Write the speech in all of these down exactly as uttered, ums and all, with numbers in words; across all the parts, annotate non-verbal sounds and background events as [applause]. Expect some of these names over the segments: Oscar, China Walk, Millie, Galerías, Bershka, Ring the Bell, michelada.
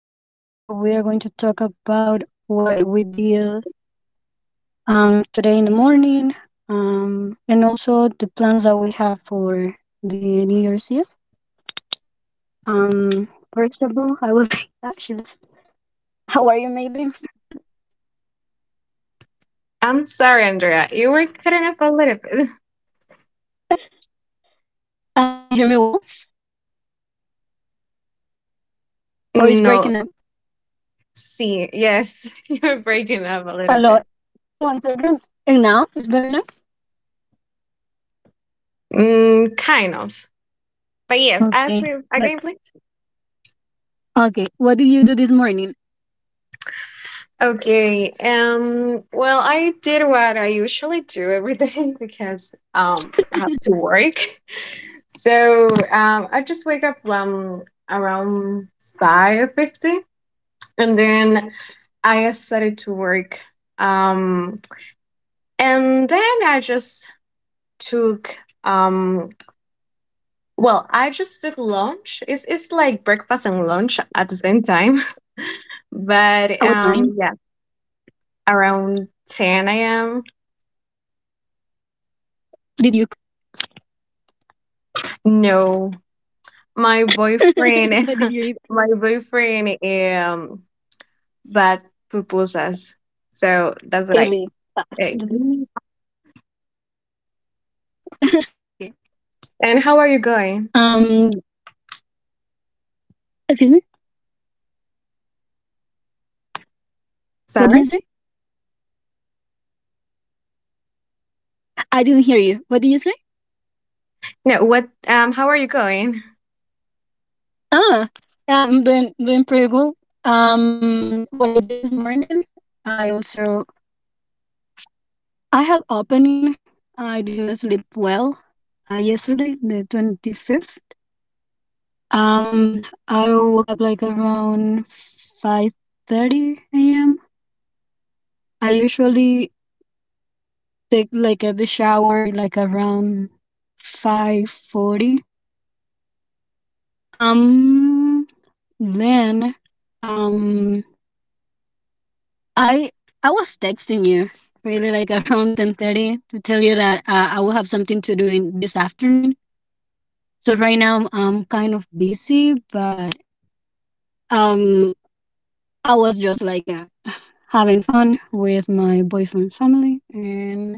Christmas, and also we are going to talk about what we did um today in the morning, um, and also the plans that we have for the New Year's Eve. Um, First of all, I will. [laughs] Ah, she left. How are you, Millie? I'm sorry, Andrea. You were cutting up a little bit. [laughs] Uh, do you hear me well, or is No, breaking up see, yes, [laughs] you are breaking up a a little lot? bit. One second. And now it's better now. Mm, kind of. But yes, ask Okay. me Yep. again, please. Okay. What did you do this morning? Okay. Um. Well, I did what I usually do every day, [laughs] because um I have to [laughs] work. [laughs] So um, I just wake up um around five fifty, and then I started to work. Um, and then I just took um well I just took lunch. It's it's like breakfast and lunch at the same time, [laughs] At but what um time yeah, around ten a.m. did you cook? No, my [laughs] boyfriend, What did you [laughs] eat? my boyfriend um but pupusas, so that's what I Curly. Ah, ate. this is- [laughs] okay. And how are you going? Um. Excuse me. What do you Sorry. say? I didn't hear you. What do you say? No, what? um how are you going? Ah. I'm doing doing pretty good. Um. What I did this morning. I also I have opening. I didn't sleep well. Uh, yesterday, the twenty fifth. Um. I woke up like around five thirty a m. I usually take like a the shower like around five forty. Um then um I I was texting you really like [laughs] around ten thirty to tell you that uh, I will have something to do in this afternoon. So right now I'm kind of busy, but um I was just like uh, [sighs] having fun with my boyfriend's family. And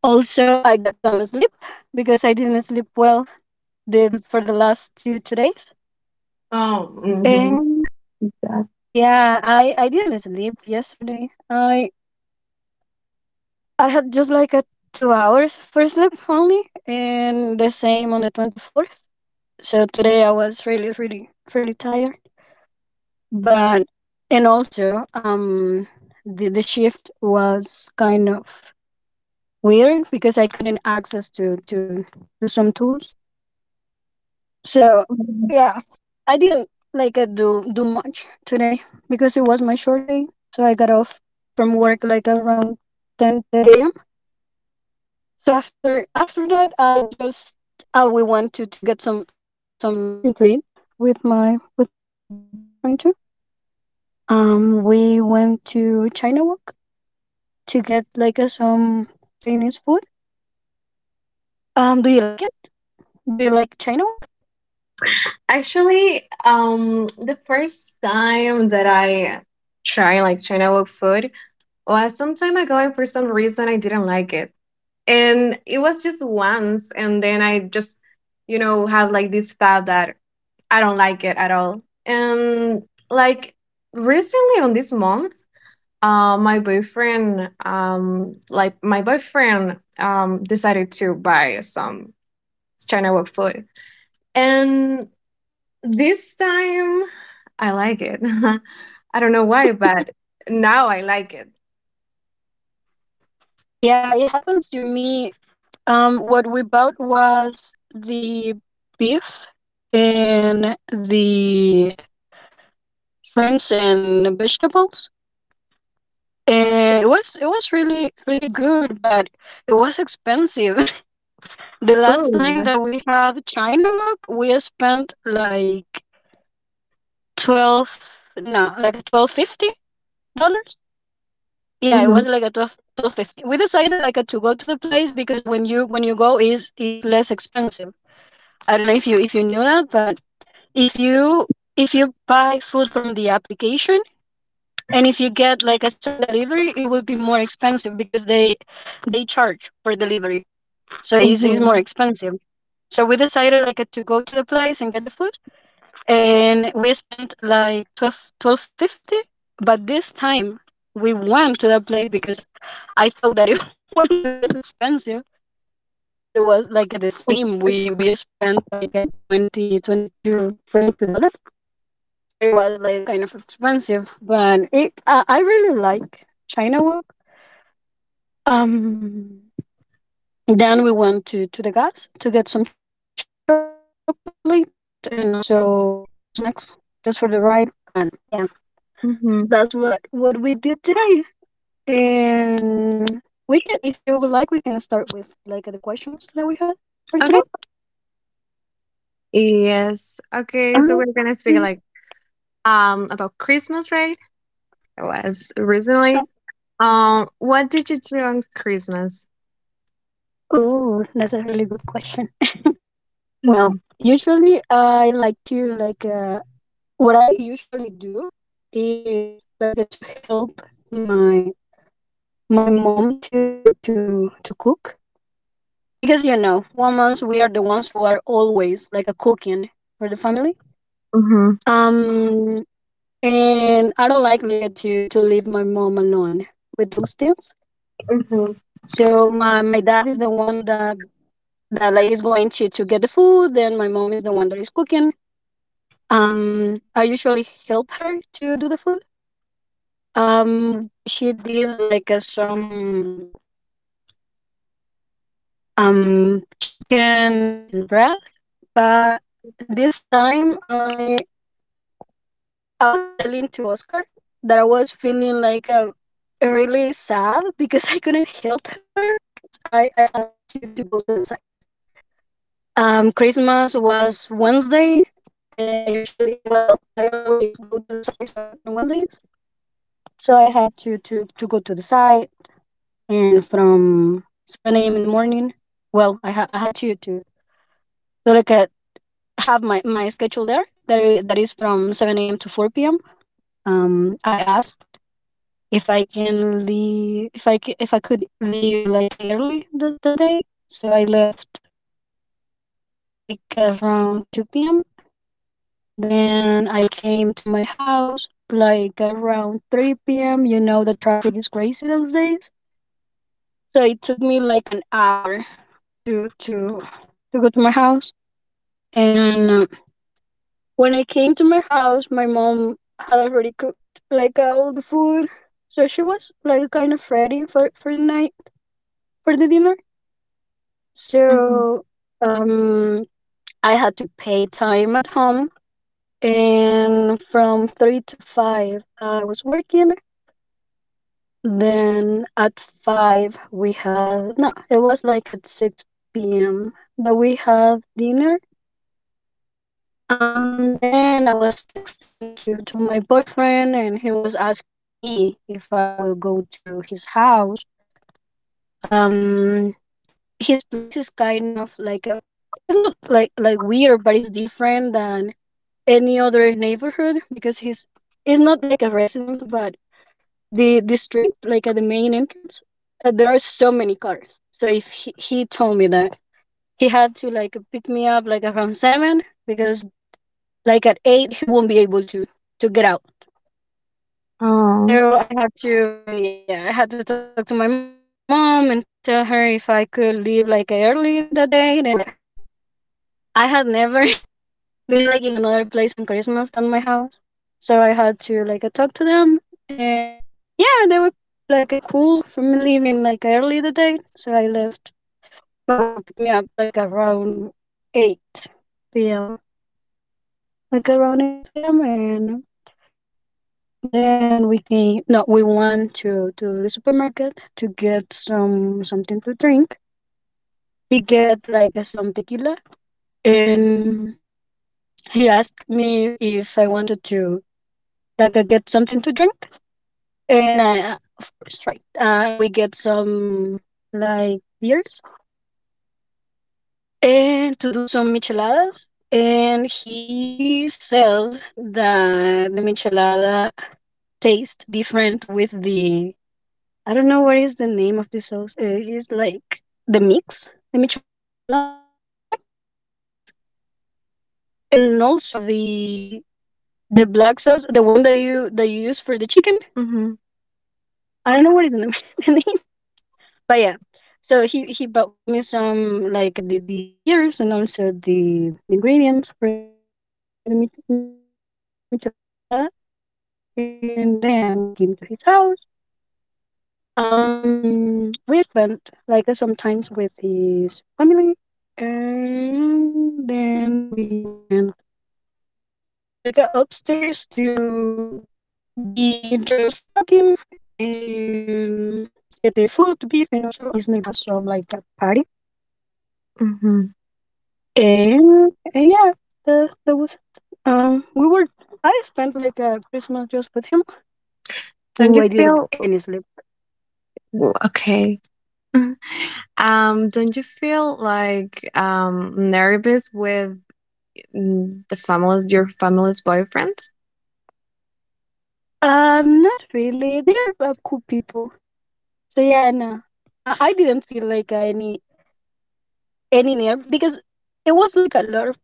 also, I got some sleep because I didn't sleep well the, for the last two, two days. Oh. Mhm. And yeah, I, I didn't sleep yesterday. I I had just like a two hours for sleep only, and the same on the twenty fourth. So today I was really, really, really tired. But and also um the the shift was kind of weird because I couldn't access to to to some tools. So Yeah. yeah, I didn't like uh, do do much today because it was my short day. So I got off from work like around ten thirty a m. So after after that, I just uh, we went to to get some some something to eat with my with my boyfriend too. Um, we went to China Walk to get like uh, some Chinese food. Um, do you like it? Do you like China Walk? Actually, um, the first time that I tried like China Wok food was some time ago, and for some reason I didn't like it, and it was just once, and then I just, you know, had like this thought that I don't like it at all, and like recently on this month, uh, my boyfriend, um, like my boyfriend, um, decided to buy some China Wok food, and this time I like it. [laughs] I don't know why, but now I like it. Yeah, it happens to me. Um, what we bought was the beef and the shrimps and vegetables. And it was it was really really good, but it was expensive. [laughs] The last time Mm. that we had China Walk, we spent like twelve no, like a twelve fifty dollars. Yeah, it Mhm. was like a twelve twelve fifty. We decided like uh, to go to the place because when you when you go is is less expensive. I don't know if you if you knew that, but if you if you buy food from the application and if you get like a some delivery, it will be more expensive because they they charge for delivery, so it's, it's more Mhm. expensive. So we decided like uh, to go to the place and get the food, and we spent like twelve twelve fifty. But this time we went to that place because I thought that it [laughs] would be less expensive, but it was like at the same. We we spent like at twenty twenty two twenty two dollars. So it was like kind of expensive, but it uh, I really like China Walk. Um, then we went to to the gas to get some chocolate and also some snacks just for the ride. But yeah, that's what Mhm. what we did today. And we can, if you would like, we can start with like the questions that we had for today. [laughs] Okay. Yes. Um, Okay. So we're gonna speak like um about Christmas, right? It was recently. Um, what did you do on Christmas? Oh, that's a really good question. Well, Mm-hmm. usually I like to like uh, what I usually do is like to help my my mom to to to cook, because you know women we are the ones who are always like a cooking for the family. Mm-hmm. um and I don't like like to to leave my mom alone with those things. Mm-hmm. So my my dad is the one that that like is going to to get the food, then my mom is the one that is cooking. um I usually help her to do the food. Um, she did like uh, some um chicken and bread, but this time I I was telling to Oscar that I was feeling like uh, really sad [laughs] because I couldn't help her because I I had to to go to the site. Um, Christmas was Wednesday, and I usually well I always go to the site on on Wednesdays, so I had to to to go to the site, and from seven a m in the morning, well, I, ha- I had to, to to look at have my, my schedule there that is, that is from seven a m to four p m. Um, I asked if I can leave if I c- if I could leave like early this, that day, so I left like around two p m. Then I came to my house like around three p m. You know the traffic is crazy those days, so it took me like an hour to to to go to my house. And uh, when I came to my house, my mom had already cooked like uh, all the food, so she was like kind of ready for for the night for the dinner. Mm-hmm. So um, I had to pay time at home, and from three to five, I was working. Then at five, we had no, it was like at six p m that we had dinner. Um, then I was texting to, to my boyfriend, and he was asking me if I will go to his house. Um, his place is kind of like a, it's not like, like weird, but it's different than any other neighborhood because he's, it's not like a residence, but the, the street, like at the main entrance, uh, there are so many cars. So if he, he told me that he had to like pick me up like around seven because like at eight he won't be able to to get out. Oh. So I had to yeah I had to talk to my mom and tell her if I could leave like early that day. And they were like uh, I had never [laughs] been like in another place on Christmas than my house, so I had to like uh, talk to them, and yeah they were like uh, cool for me leaving like early the day. So I left, my boyfriend picked me up like around eight p.m., like around eight p.m. And Then we can no, we went to to the supermarket to get some something to drink. He get like uh, some tequila, and he asked me if I wanted to like uh, get something to drink, and I uh, of course right. Uh, we get some like beers and to do some micheladas. And he said that the michelada taste different with the I don't know what is the name of the sauce. Uh, it's like the mix, the michelada mix, and also the the black sauce, the one that you that you use for the chicken. Mm-hmm. I don't know what is the name, [laughs] the name. But yeah. So he he bought me some like uh, the, the the beers and also the ingredients for the mi- michelada, and then we came to his house. Um, we spent like uh, sometimes with his family, and then we went like uh, upstairs to be just talking and get the food, beers, and also um his neighbors have some like a party, Mm-hmm. and, and yeah, that that was it. Um, we were I spent like a Christmas just with him. Don't Ooh, you I didn't get feel any sleep. okay? [laughs] um, don't you feel like um nervous with mm, the family's your family's boyfriend? Um, not really. They are uh, cool people. So yeah, no, I, I didn't feel like any any nerve because it was like a lot of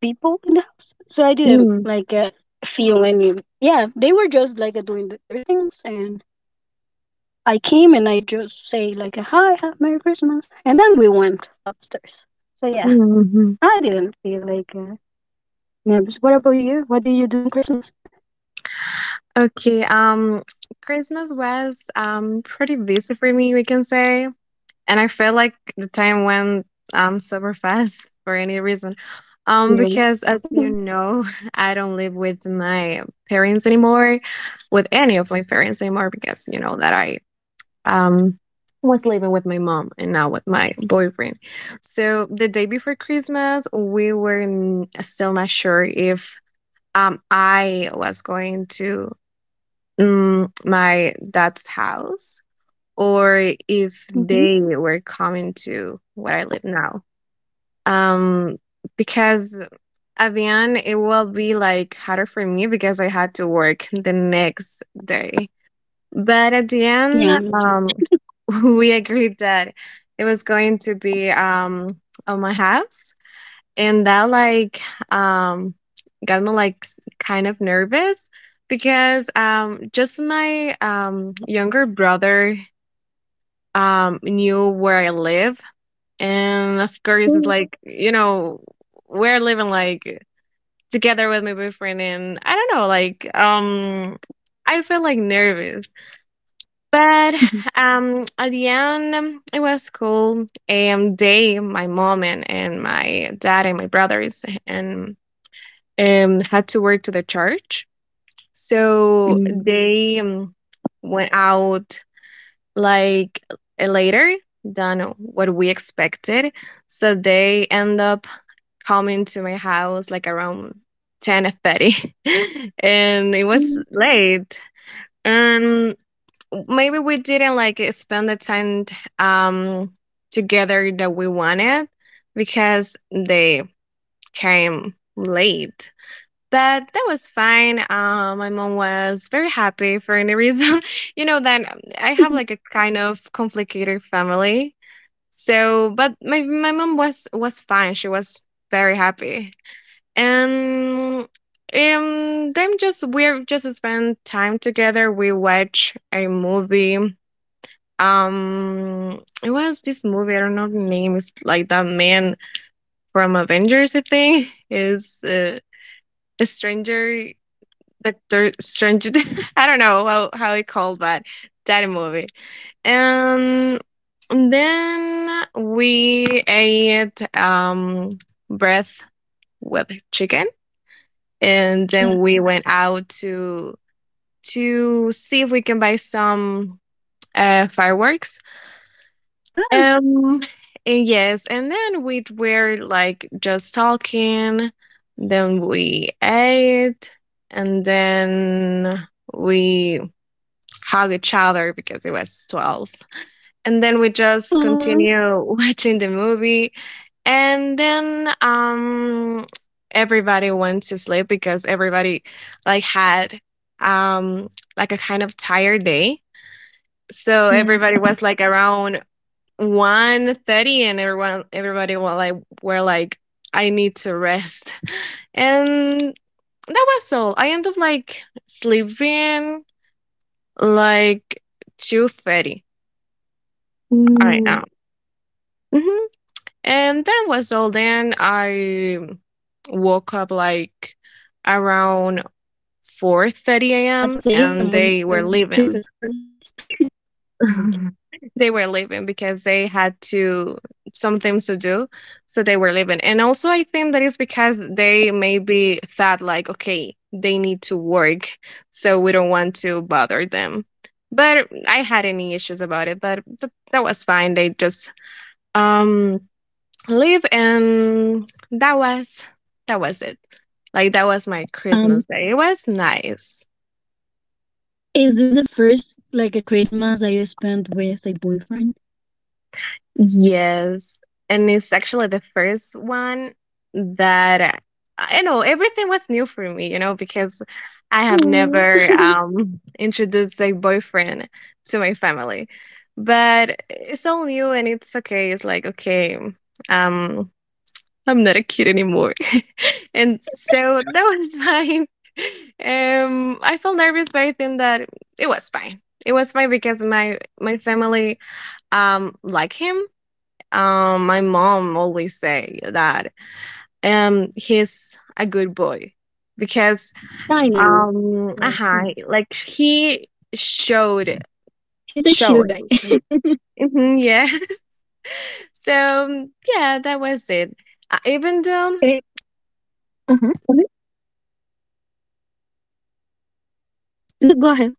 people in the house, so I didn't Mm, like uh, feel any. Yeah, they were just like uh, doing th- their things, and I came and I just say like a hi, hi, Merry Christmas, and then we went upstairs. So yeah, mhm. I didn't feel like uh, nervous. What about you? What did you do on Christmas? Okay, um, Christmas was um pretty busy for me, we can say. And I felt like the time went um super fast [laughs] for any reason. Yeah. Um, because as you know, [laughs] I don't live with my parents anymore, with any of my parents anymore, because you know that I um was living with my mom and now with my boyfriend. So the day before Christmas, we were n- still not sure if um I was going to mm, my dad's house or if Mm-hmm. they were coming to where I live now. Um, because at the end, it will be like harder for me because I had to work the next day. But at the Yeah, me end, too. um, [laughs] we agreed that it was going to be um, on my house, and that like um, got me like s- kind of nervous because um, just my um, younger brother um, knew where I live, and of Mm. course, it's like, you know, we're living like together with my boyfriend, and I don't know, like, um, I feel like nervous, but Mhm. [sighs] um, at the end, um, it was cool. And they, my mom and, and my dad and my brothers, and um, had to work to the church, so Mm. they um, went out like eh, later than what we expected. So they end up coming to my house like around ten thirty, [laughs] and it was Mm. late. Um, maybe we didn't like spend the time um together that we wanted because they came late. That that was fine. Uh, my mom was very happy for any reason. [laughs] You know that um, I have [laughs] like a kind of complicated family. So, but my my mom was was fine. She was very happy. And um then just we just spend time together. We watch a movie. Um it was this movie, I don't know the name, it's like that man from Avengers, I think. Is uh, a stranger, the Doctor Strange. [laughs] I don't know how how he called, but that movie. Um, And then we ate um breath with chicken, and Yeah. then we went out to to see if we can buy some uh fireworks. Ah, Um, and yes, and then we were like just talking. Then we ate, and then we hug each other because it was twelve. And then we just aw, continue [laughs] watching the movie. And then um, everybody went to sleep because everybody like had um, like a kind of tired day. So yeah. everybody was like around one thirty, and everyone everybody were like were like I need to rest. [laughs] And that was all. I ended up like sleeping like two thirty I Ooh, am. Hmm. And that was all. Then I woke up like around four at thirty a m six a m and when when they your were shift leaving. starts. [laughs] Okay. [laughs] they were leaving because they had to some things to do, so they were leaving. And also, I think that is because they maybe thought like, okay, they need to work, so we don't want to bother them. But I had any issues about it, but th- that was fine. They just um live, and that was that was it, like that was my Um, Christmas day. It was nice. is this the first like a Christmas that you spent with a boyfriend? Yes, and it's actually the first one that I don't know, everything was new for me, you know, because I have Oh, never [laughs] um introduced a boyfriend to my family, but it's all new and it's okay. It's like okay, um I'm not a kid anymore. [laughs] And so that was fine. [laughs] Um, I felt nervous, but I think that it was fine. It was fine because my my family um like him. Um, my mom always say that um he's a good boy because I know. um Yeah, he uh like he showed he's a show chill it. guy. [laughs] Mhm, yeah. [laughs] So yeah, that was it. Uh, even though Eh, uh-huh. No, go ahead.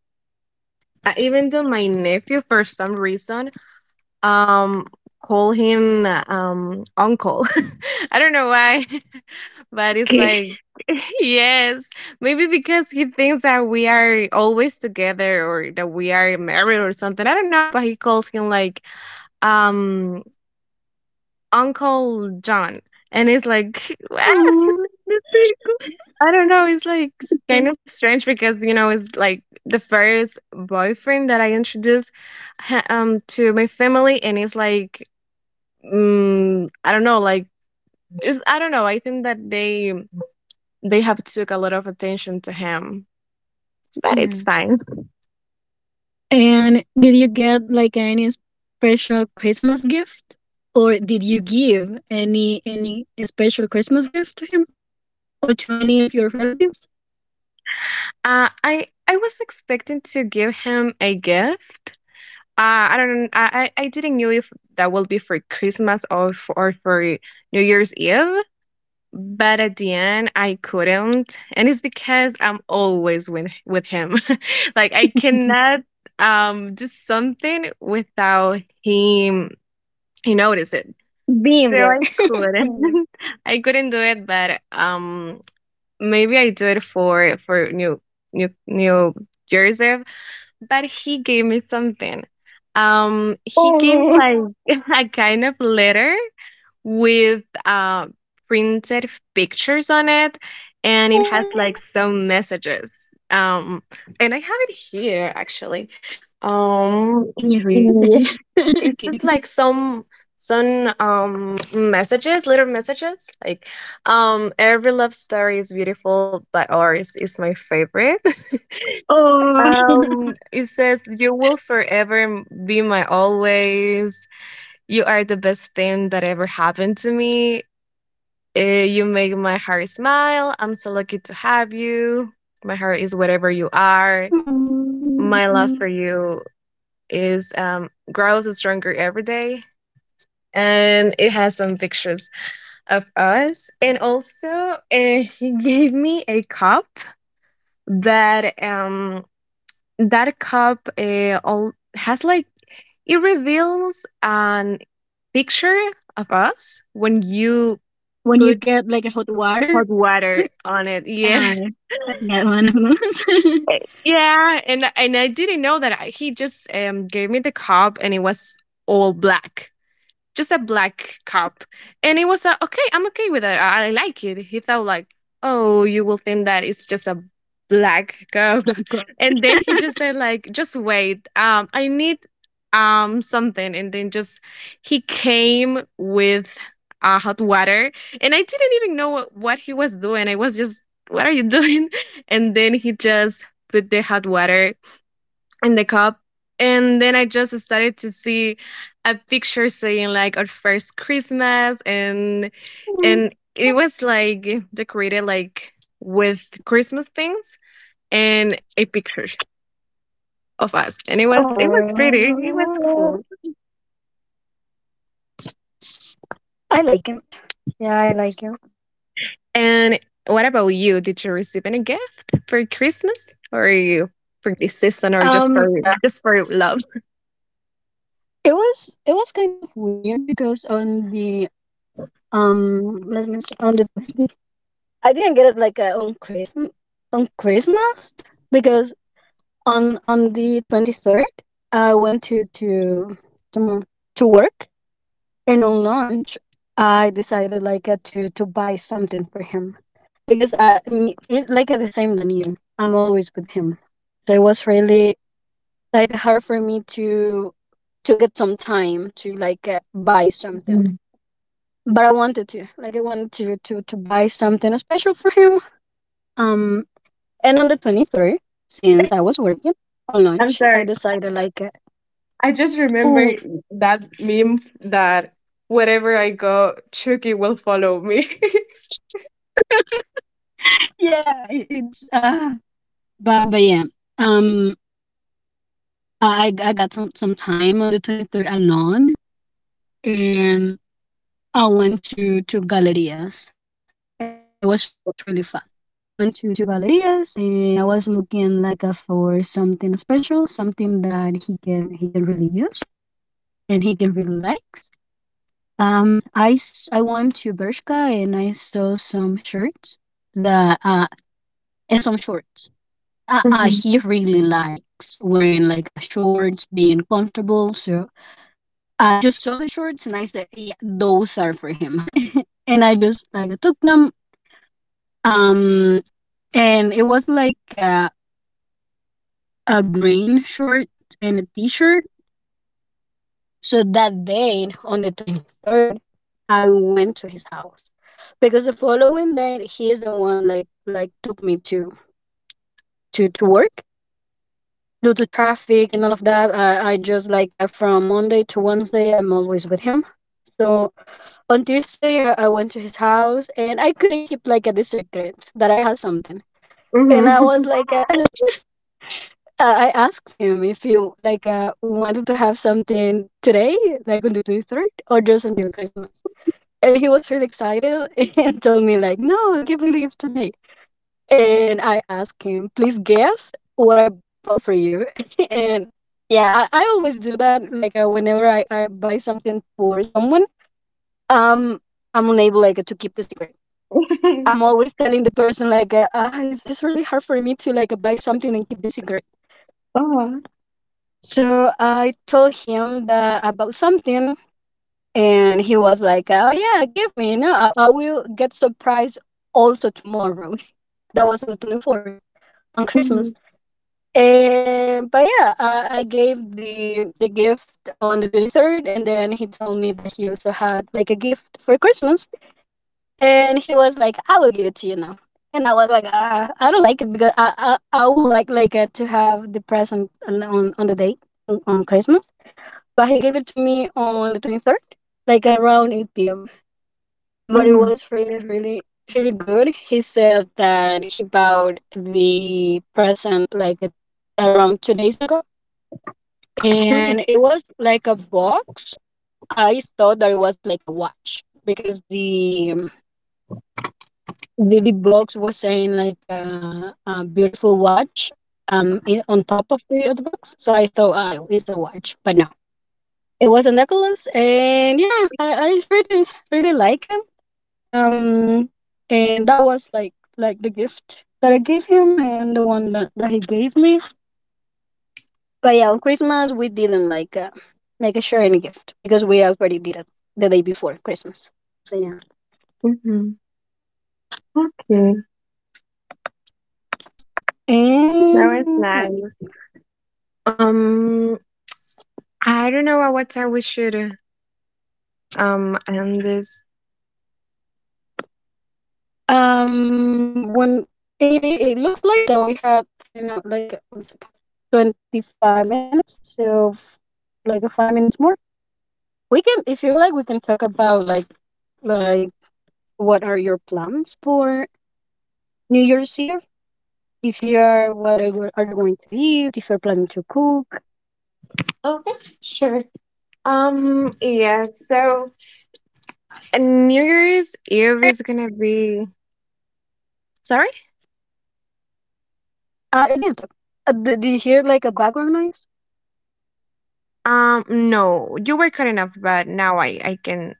Uh, even though my nephew, for some reason, um, call him uh, um uncle. [laughs] I don't know why, [laughs] but it's Okay. like [laughs] yes, maybe because he thinks that we are always together or that we are married or something. I don't know, but he calls him like um Uncle John, and it's like [laughs] what? Aw, that's pretty cool. I don't know. It's like s- Like, kind of strange because you know it's like the first boyfriend that I introduced ha- um to my family, and it's like mm, I don't know. Like it's, I don't know. I think that they they have took a lot of attention to him, but yeah. it's fine. And did you get like any special Christmas gift, or did you give any any special Christmas gift to him or to any of your relatives? Uh, I I was expecting to give him a gift. Uh, I don't. I I I didn't know if that will be for Christmas or for, or for New Year's Eve. But at the end, I couldn't, and it's because I'm always with with him. [laughs] Like I cannot um do something without him. He notice it, so Bingo. I couldn't. [laughs] [laughs] I couldn't do it. But um, maybe I do it for for new new new jersey. But he gave me something. Um, he gave me Oh. like [laughs] a kind of letter with uh, Oh. printed pictures on it, and it has like some messages. Um, and I have it here actually. Can you Um, read it? yeah, [laughs] Kidding. it's just like some some um messages, little messages like um every love story is beautiful, but ours is my favorite. [laughs] Oh. [laughs] Um, it says, you will forever m- be my always. You are the best thing that ever happened to me. Eh, you make my heart smile. I'm so lucky to have you. My heart is wherever you are. Mm. My love for you is um, grows stronger every day, and it has some pictures of us. And also, uh, she gave me a cup that um that cup uh, all has like it reveals an picture of us when you When you put get like a hot water. hot water on it. Yeah. Yeah, I one of those. Eh, yeah, and and I didn't know that I- he just um gave me the cup and it was all black, just a black cup. And it was a, okay, I'm okay with it. I, I like it. He thought like, oh, you will think that it's just a black [laughs] cup. Blanco. [laughs] And then he just said like, just wait. Um, I need um something. And then just he came with uh, hot water. And I didn't even know what, what he was doing. I was just, what are you doing? [laughs] And then he just put the hot water in the cup. And then I just started to see a picture saying like our first Christmas, and and it was like decorated like with Christmas things and a picture of us. And it was, it was pretty. It was Oh, cool. I like it. Yeah, I like it. And what about you? Did you receive any gift for Christmas or you for this season or just Um, for just for love? it was it was kind of weird because on the, um let me see, on the twenty, I didn't get it like, uh, on Christmas on Christmas, because on on the twenty-third I went to to to, to work. And on lunch, I decided like, uh, to to buy something for him, because I, I mean it's like, uh, the same than you. I'm always with him, so it was really like hard for me to to get some time to like, uh, buy something. Mm. But I wanted to like I wanted to to to buy something special for him. Um, and on the twenty-third, since I was working on I'm lunch, I sorry. decided, like, uh, I just remember oh that meme that wherever I go, Chucky will follow me. [laughs] yeah, it, it's uh, but but yeah, um Uh, I I got some some time on the twenty-third alone. And I went to to Galerías. It was really fun. Mhm. I went to to Galerías, and I was looking like, uh, for something special, something that he can he can really use and he can really likes. Um, I s- I went to Bershka, and I saw some shirts that uh and some shorts. Uh, uh, Mhm. He really likes wearing like a shorts, being comfortable. So I just saw the shorts and I said, yeah, those are for him. [laughs] And I just like took them. Um, and it was like, uh, a green short and a t-shirt. So that day on the twenty-third, I went to his house, because the following day he is the one like like took me to to to work, due to traffic and all of that. I, I just like, uh, from Monday to Wednesday I'm always with him. So on Tuesday, I, I went to his house and I couldn't keep like a secret that I had something. And I was like, uh, [laughs] I I asked him if he like, uh, wanted to have something today, like on the twenty-third, or just until Christmas. And he was really excited [laughs] and told me like, no, give me leave today. And I asked him, please guess what I bought for you. [laughs] And yeah, I, I always do that. Like, uh, whenever I, I buy something for someone, um, I'm unable like to keep the secret. I'm [laughs] always telling the person like, uh, ah, it's, it's really hard for me to like buy something and keep the secret. Oh. So I told him the about something, and he was like, oh yeah, give me. No, I, I will get surprise also tomorrow. [laughs] That was on the twenty-fourth, on Christmas. Mhm. And but yeah, I, I gave the the gift on the twenty-third, and then he told me that he also had like a gift for Christmas. And he was like, I will give it to you now. And I was like, uh, I don't like it because I, I, I would like like uh, to have the present on, on, on the date, on, on Christmas. But he gave it to me on the twenty-third, like around eight p m. But it Mhm. was really, really, really good. He said that he bought the present like a, around two days ago. Sure. And it was like a box. I thought that it was like a watch because the the box was saying like, uh, a beautiful watch, um in, on top of the of the box. So I thought, oh, it's a watch, but no, it was a necklace. And yeah, i, I really really like him, um and that was like like the gift that I gave him and the one that, that he gave me. But yeah, on Christmas we didn't like, uh, like a share any gift, because we already did it the day before Christmas. So yeah, Mhm. [laughs] Okay. That was and let me nice. see. Um, I don't know at what time we should uh, um end this. Um, when it it looks like that we had right now like one second, twenty-five minutes. So f- like a five minutes more. We can If you like, we can talk about like like what are your plans for New Year's Eve? If you are What are you are you going to eat? If you're planning to cook? Okay, sure. Um, yeah, so and New Year's Eve Uh, is gonna be sorry? I didn't talk. Uh, do, do you hear like a background noise? Um, no, you were cut enough, but now I I can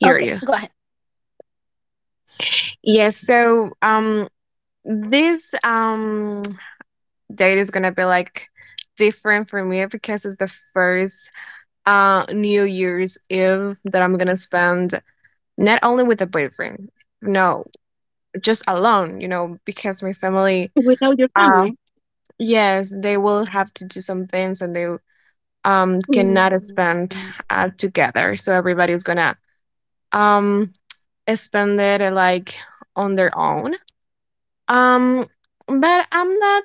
hear Okay, you. go ahead. Yes, so um this um date is gonna be like different for me because it's the first uh New Year's Eve that I'm gonna spend not only with a boyfriend, no, just alone, you know, because my family Without your uh family. yes, they will have to do some things and they um cannot Mm. spend uh, together. So everybody's gonna um spend it uh, like on their own, um but I'm not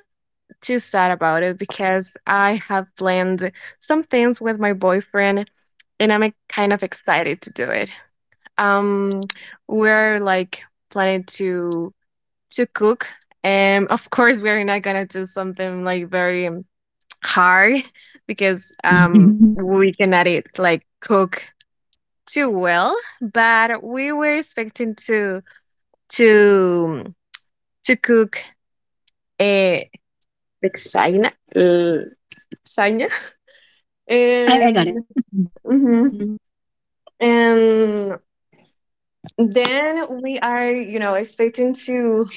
too sad about it because I have planned some things with my boyfriend, and I'm uh, kind of excited to do it. um we're like planning to to cook, and of course we're not gonna do something like very um, hard because um [laughs] we cannot eat like cook too well, but we were expecting to to to cook a lasagna, l- lasagna, [laughs] I, I got and it. mhm. Mm-hmm. And then we are, you know, expecting to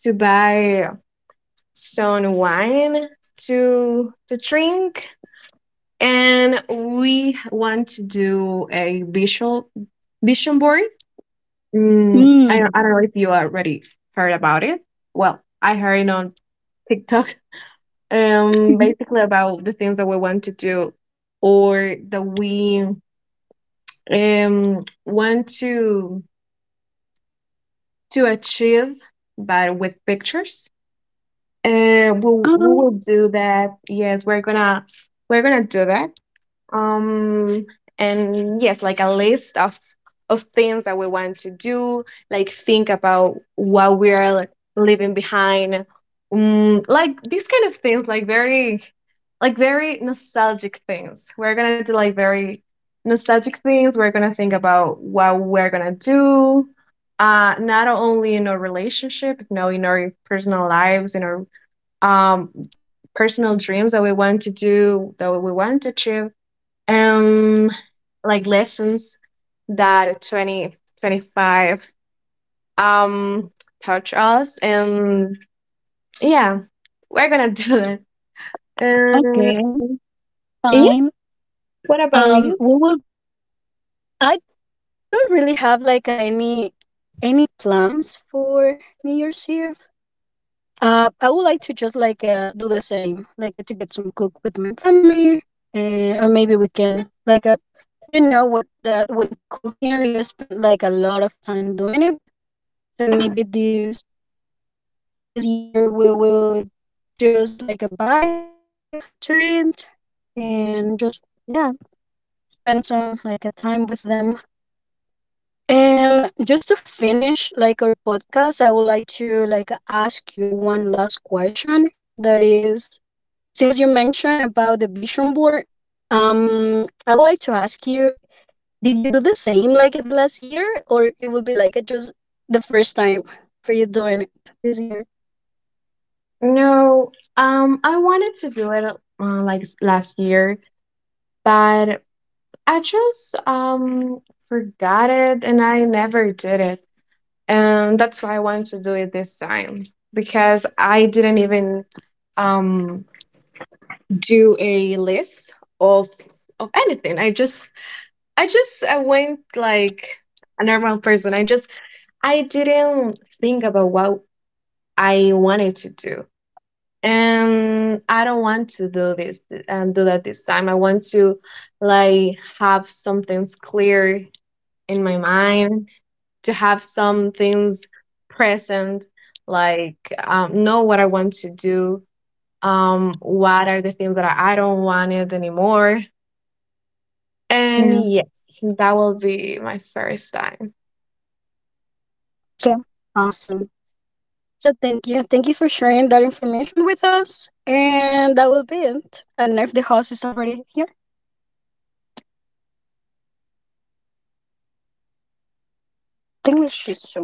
to buy some wine to to drink, and we want to do a visual vision board. Mm, I don't, I don't Mm. know if you already heard about it. Well, I heard it on TikTok. [laughs] Um, [laughs] basically about the things that we want to do, or that we um want to to achieve, but with pictures. Uh, we we Oh, will do that. Yes, we're gonna we're gonna do that. um and yes, like a list of of things that we want to do, like think about what we're like, leaving behind, mm, like these kind of things, like very like very nostalgic things. We're gonna do like very nostalgic things. We're gonna think about what we're gonna do, uh not only in our relationship, you know, in our personal lives, in our um personal dreams that we want to do, that we want to achieve, um like lessons that twenty twenty five um taught us. And yeah, we're gonna [laughs] do it. okay, um, yes. fine. What about Um, you? We will. I don't really have like any any plans for New Year's Eve. Uh, I would like to just like, uh, do the same, like, uh, to get some cook with my family, uh, or maybe we can like, uh, you know what, that when cooking you spend like a lot of time doing it. So maybe this this year we will just like, uh, buy something to eat, and just yeah spend some like a time with them. And just to finish like our podcast, I would like to like ask you one last question, that is, since you mentioned about the vision board, um I would like to ask you, did you do the same like at the last year, or it will be like, uh, just the first time for you doing it this year? No, um I wanted to do it uh, like s- last year, but I just um forgot it and I never did it, and that's why I wanted to do it this time because I didn't even um do a list of of anything. I just I just I went like a normal person. I just, I didn't think about what I wanted to do. And I don't want to do this and do that this time. I want to like have some things clear in my mind, to have some things present, like um, know what I want to do, um, what are the things that I I don't want it anymore. Yeah. And yes, that will be my first time. So awesome. So thank you. Thank you for sharing that information with us. And that will be it. I don't know if the host is already here. Tem lixo.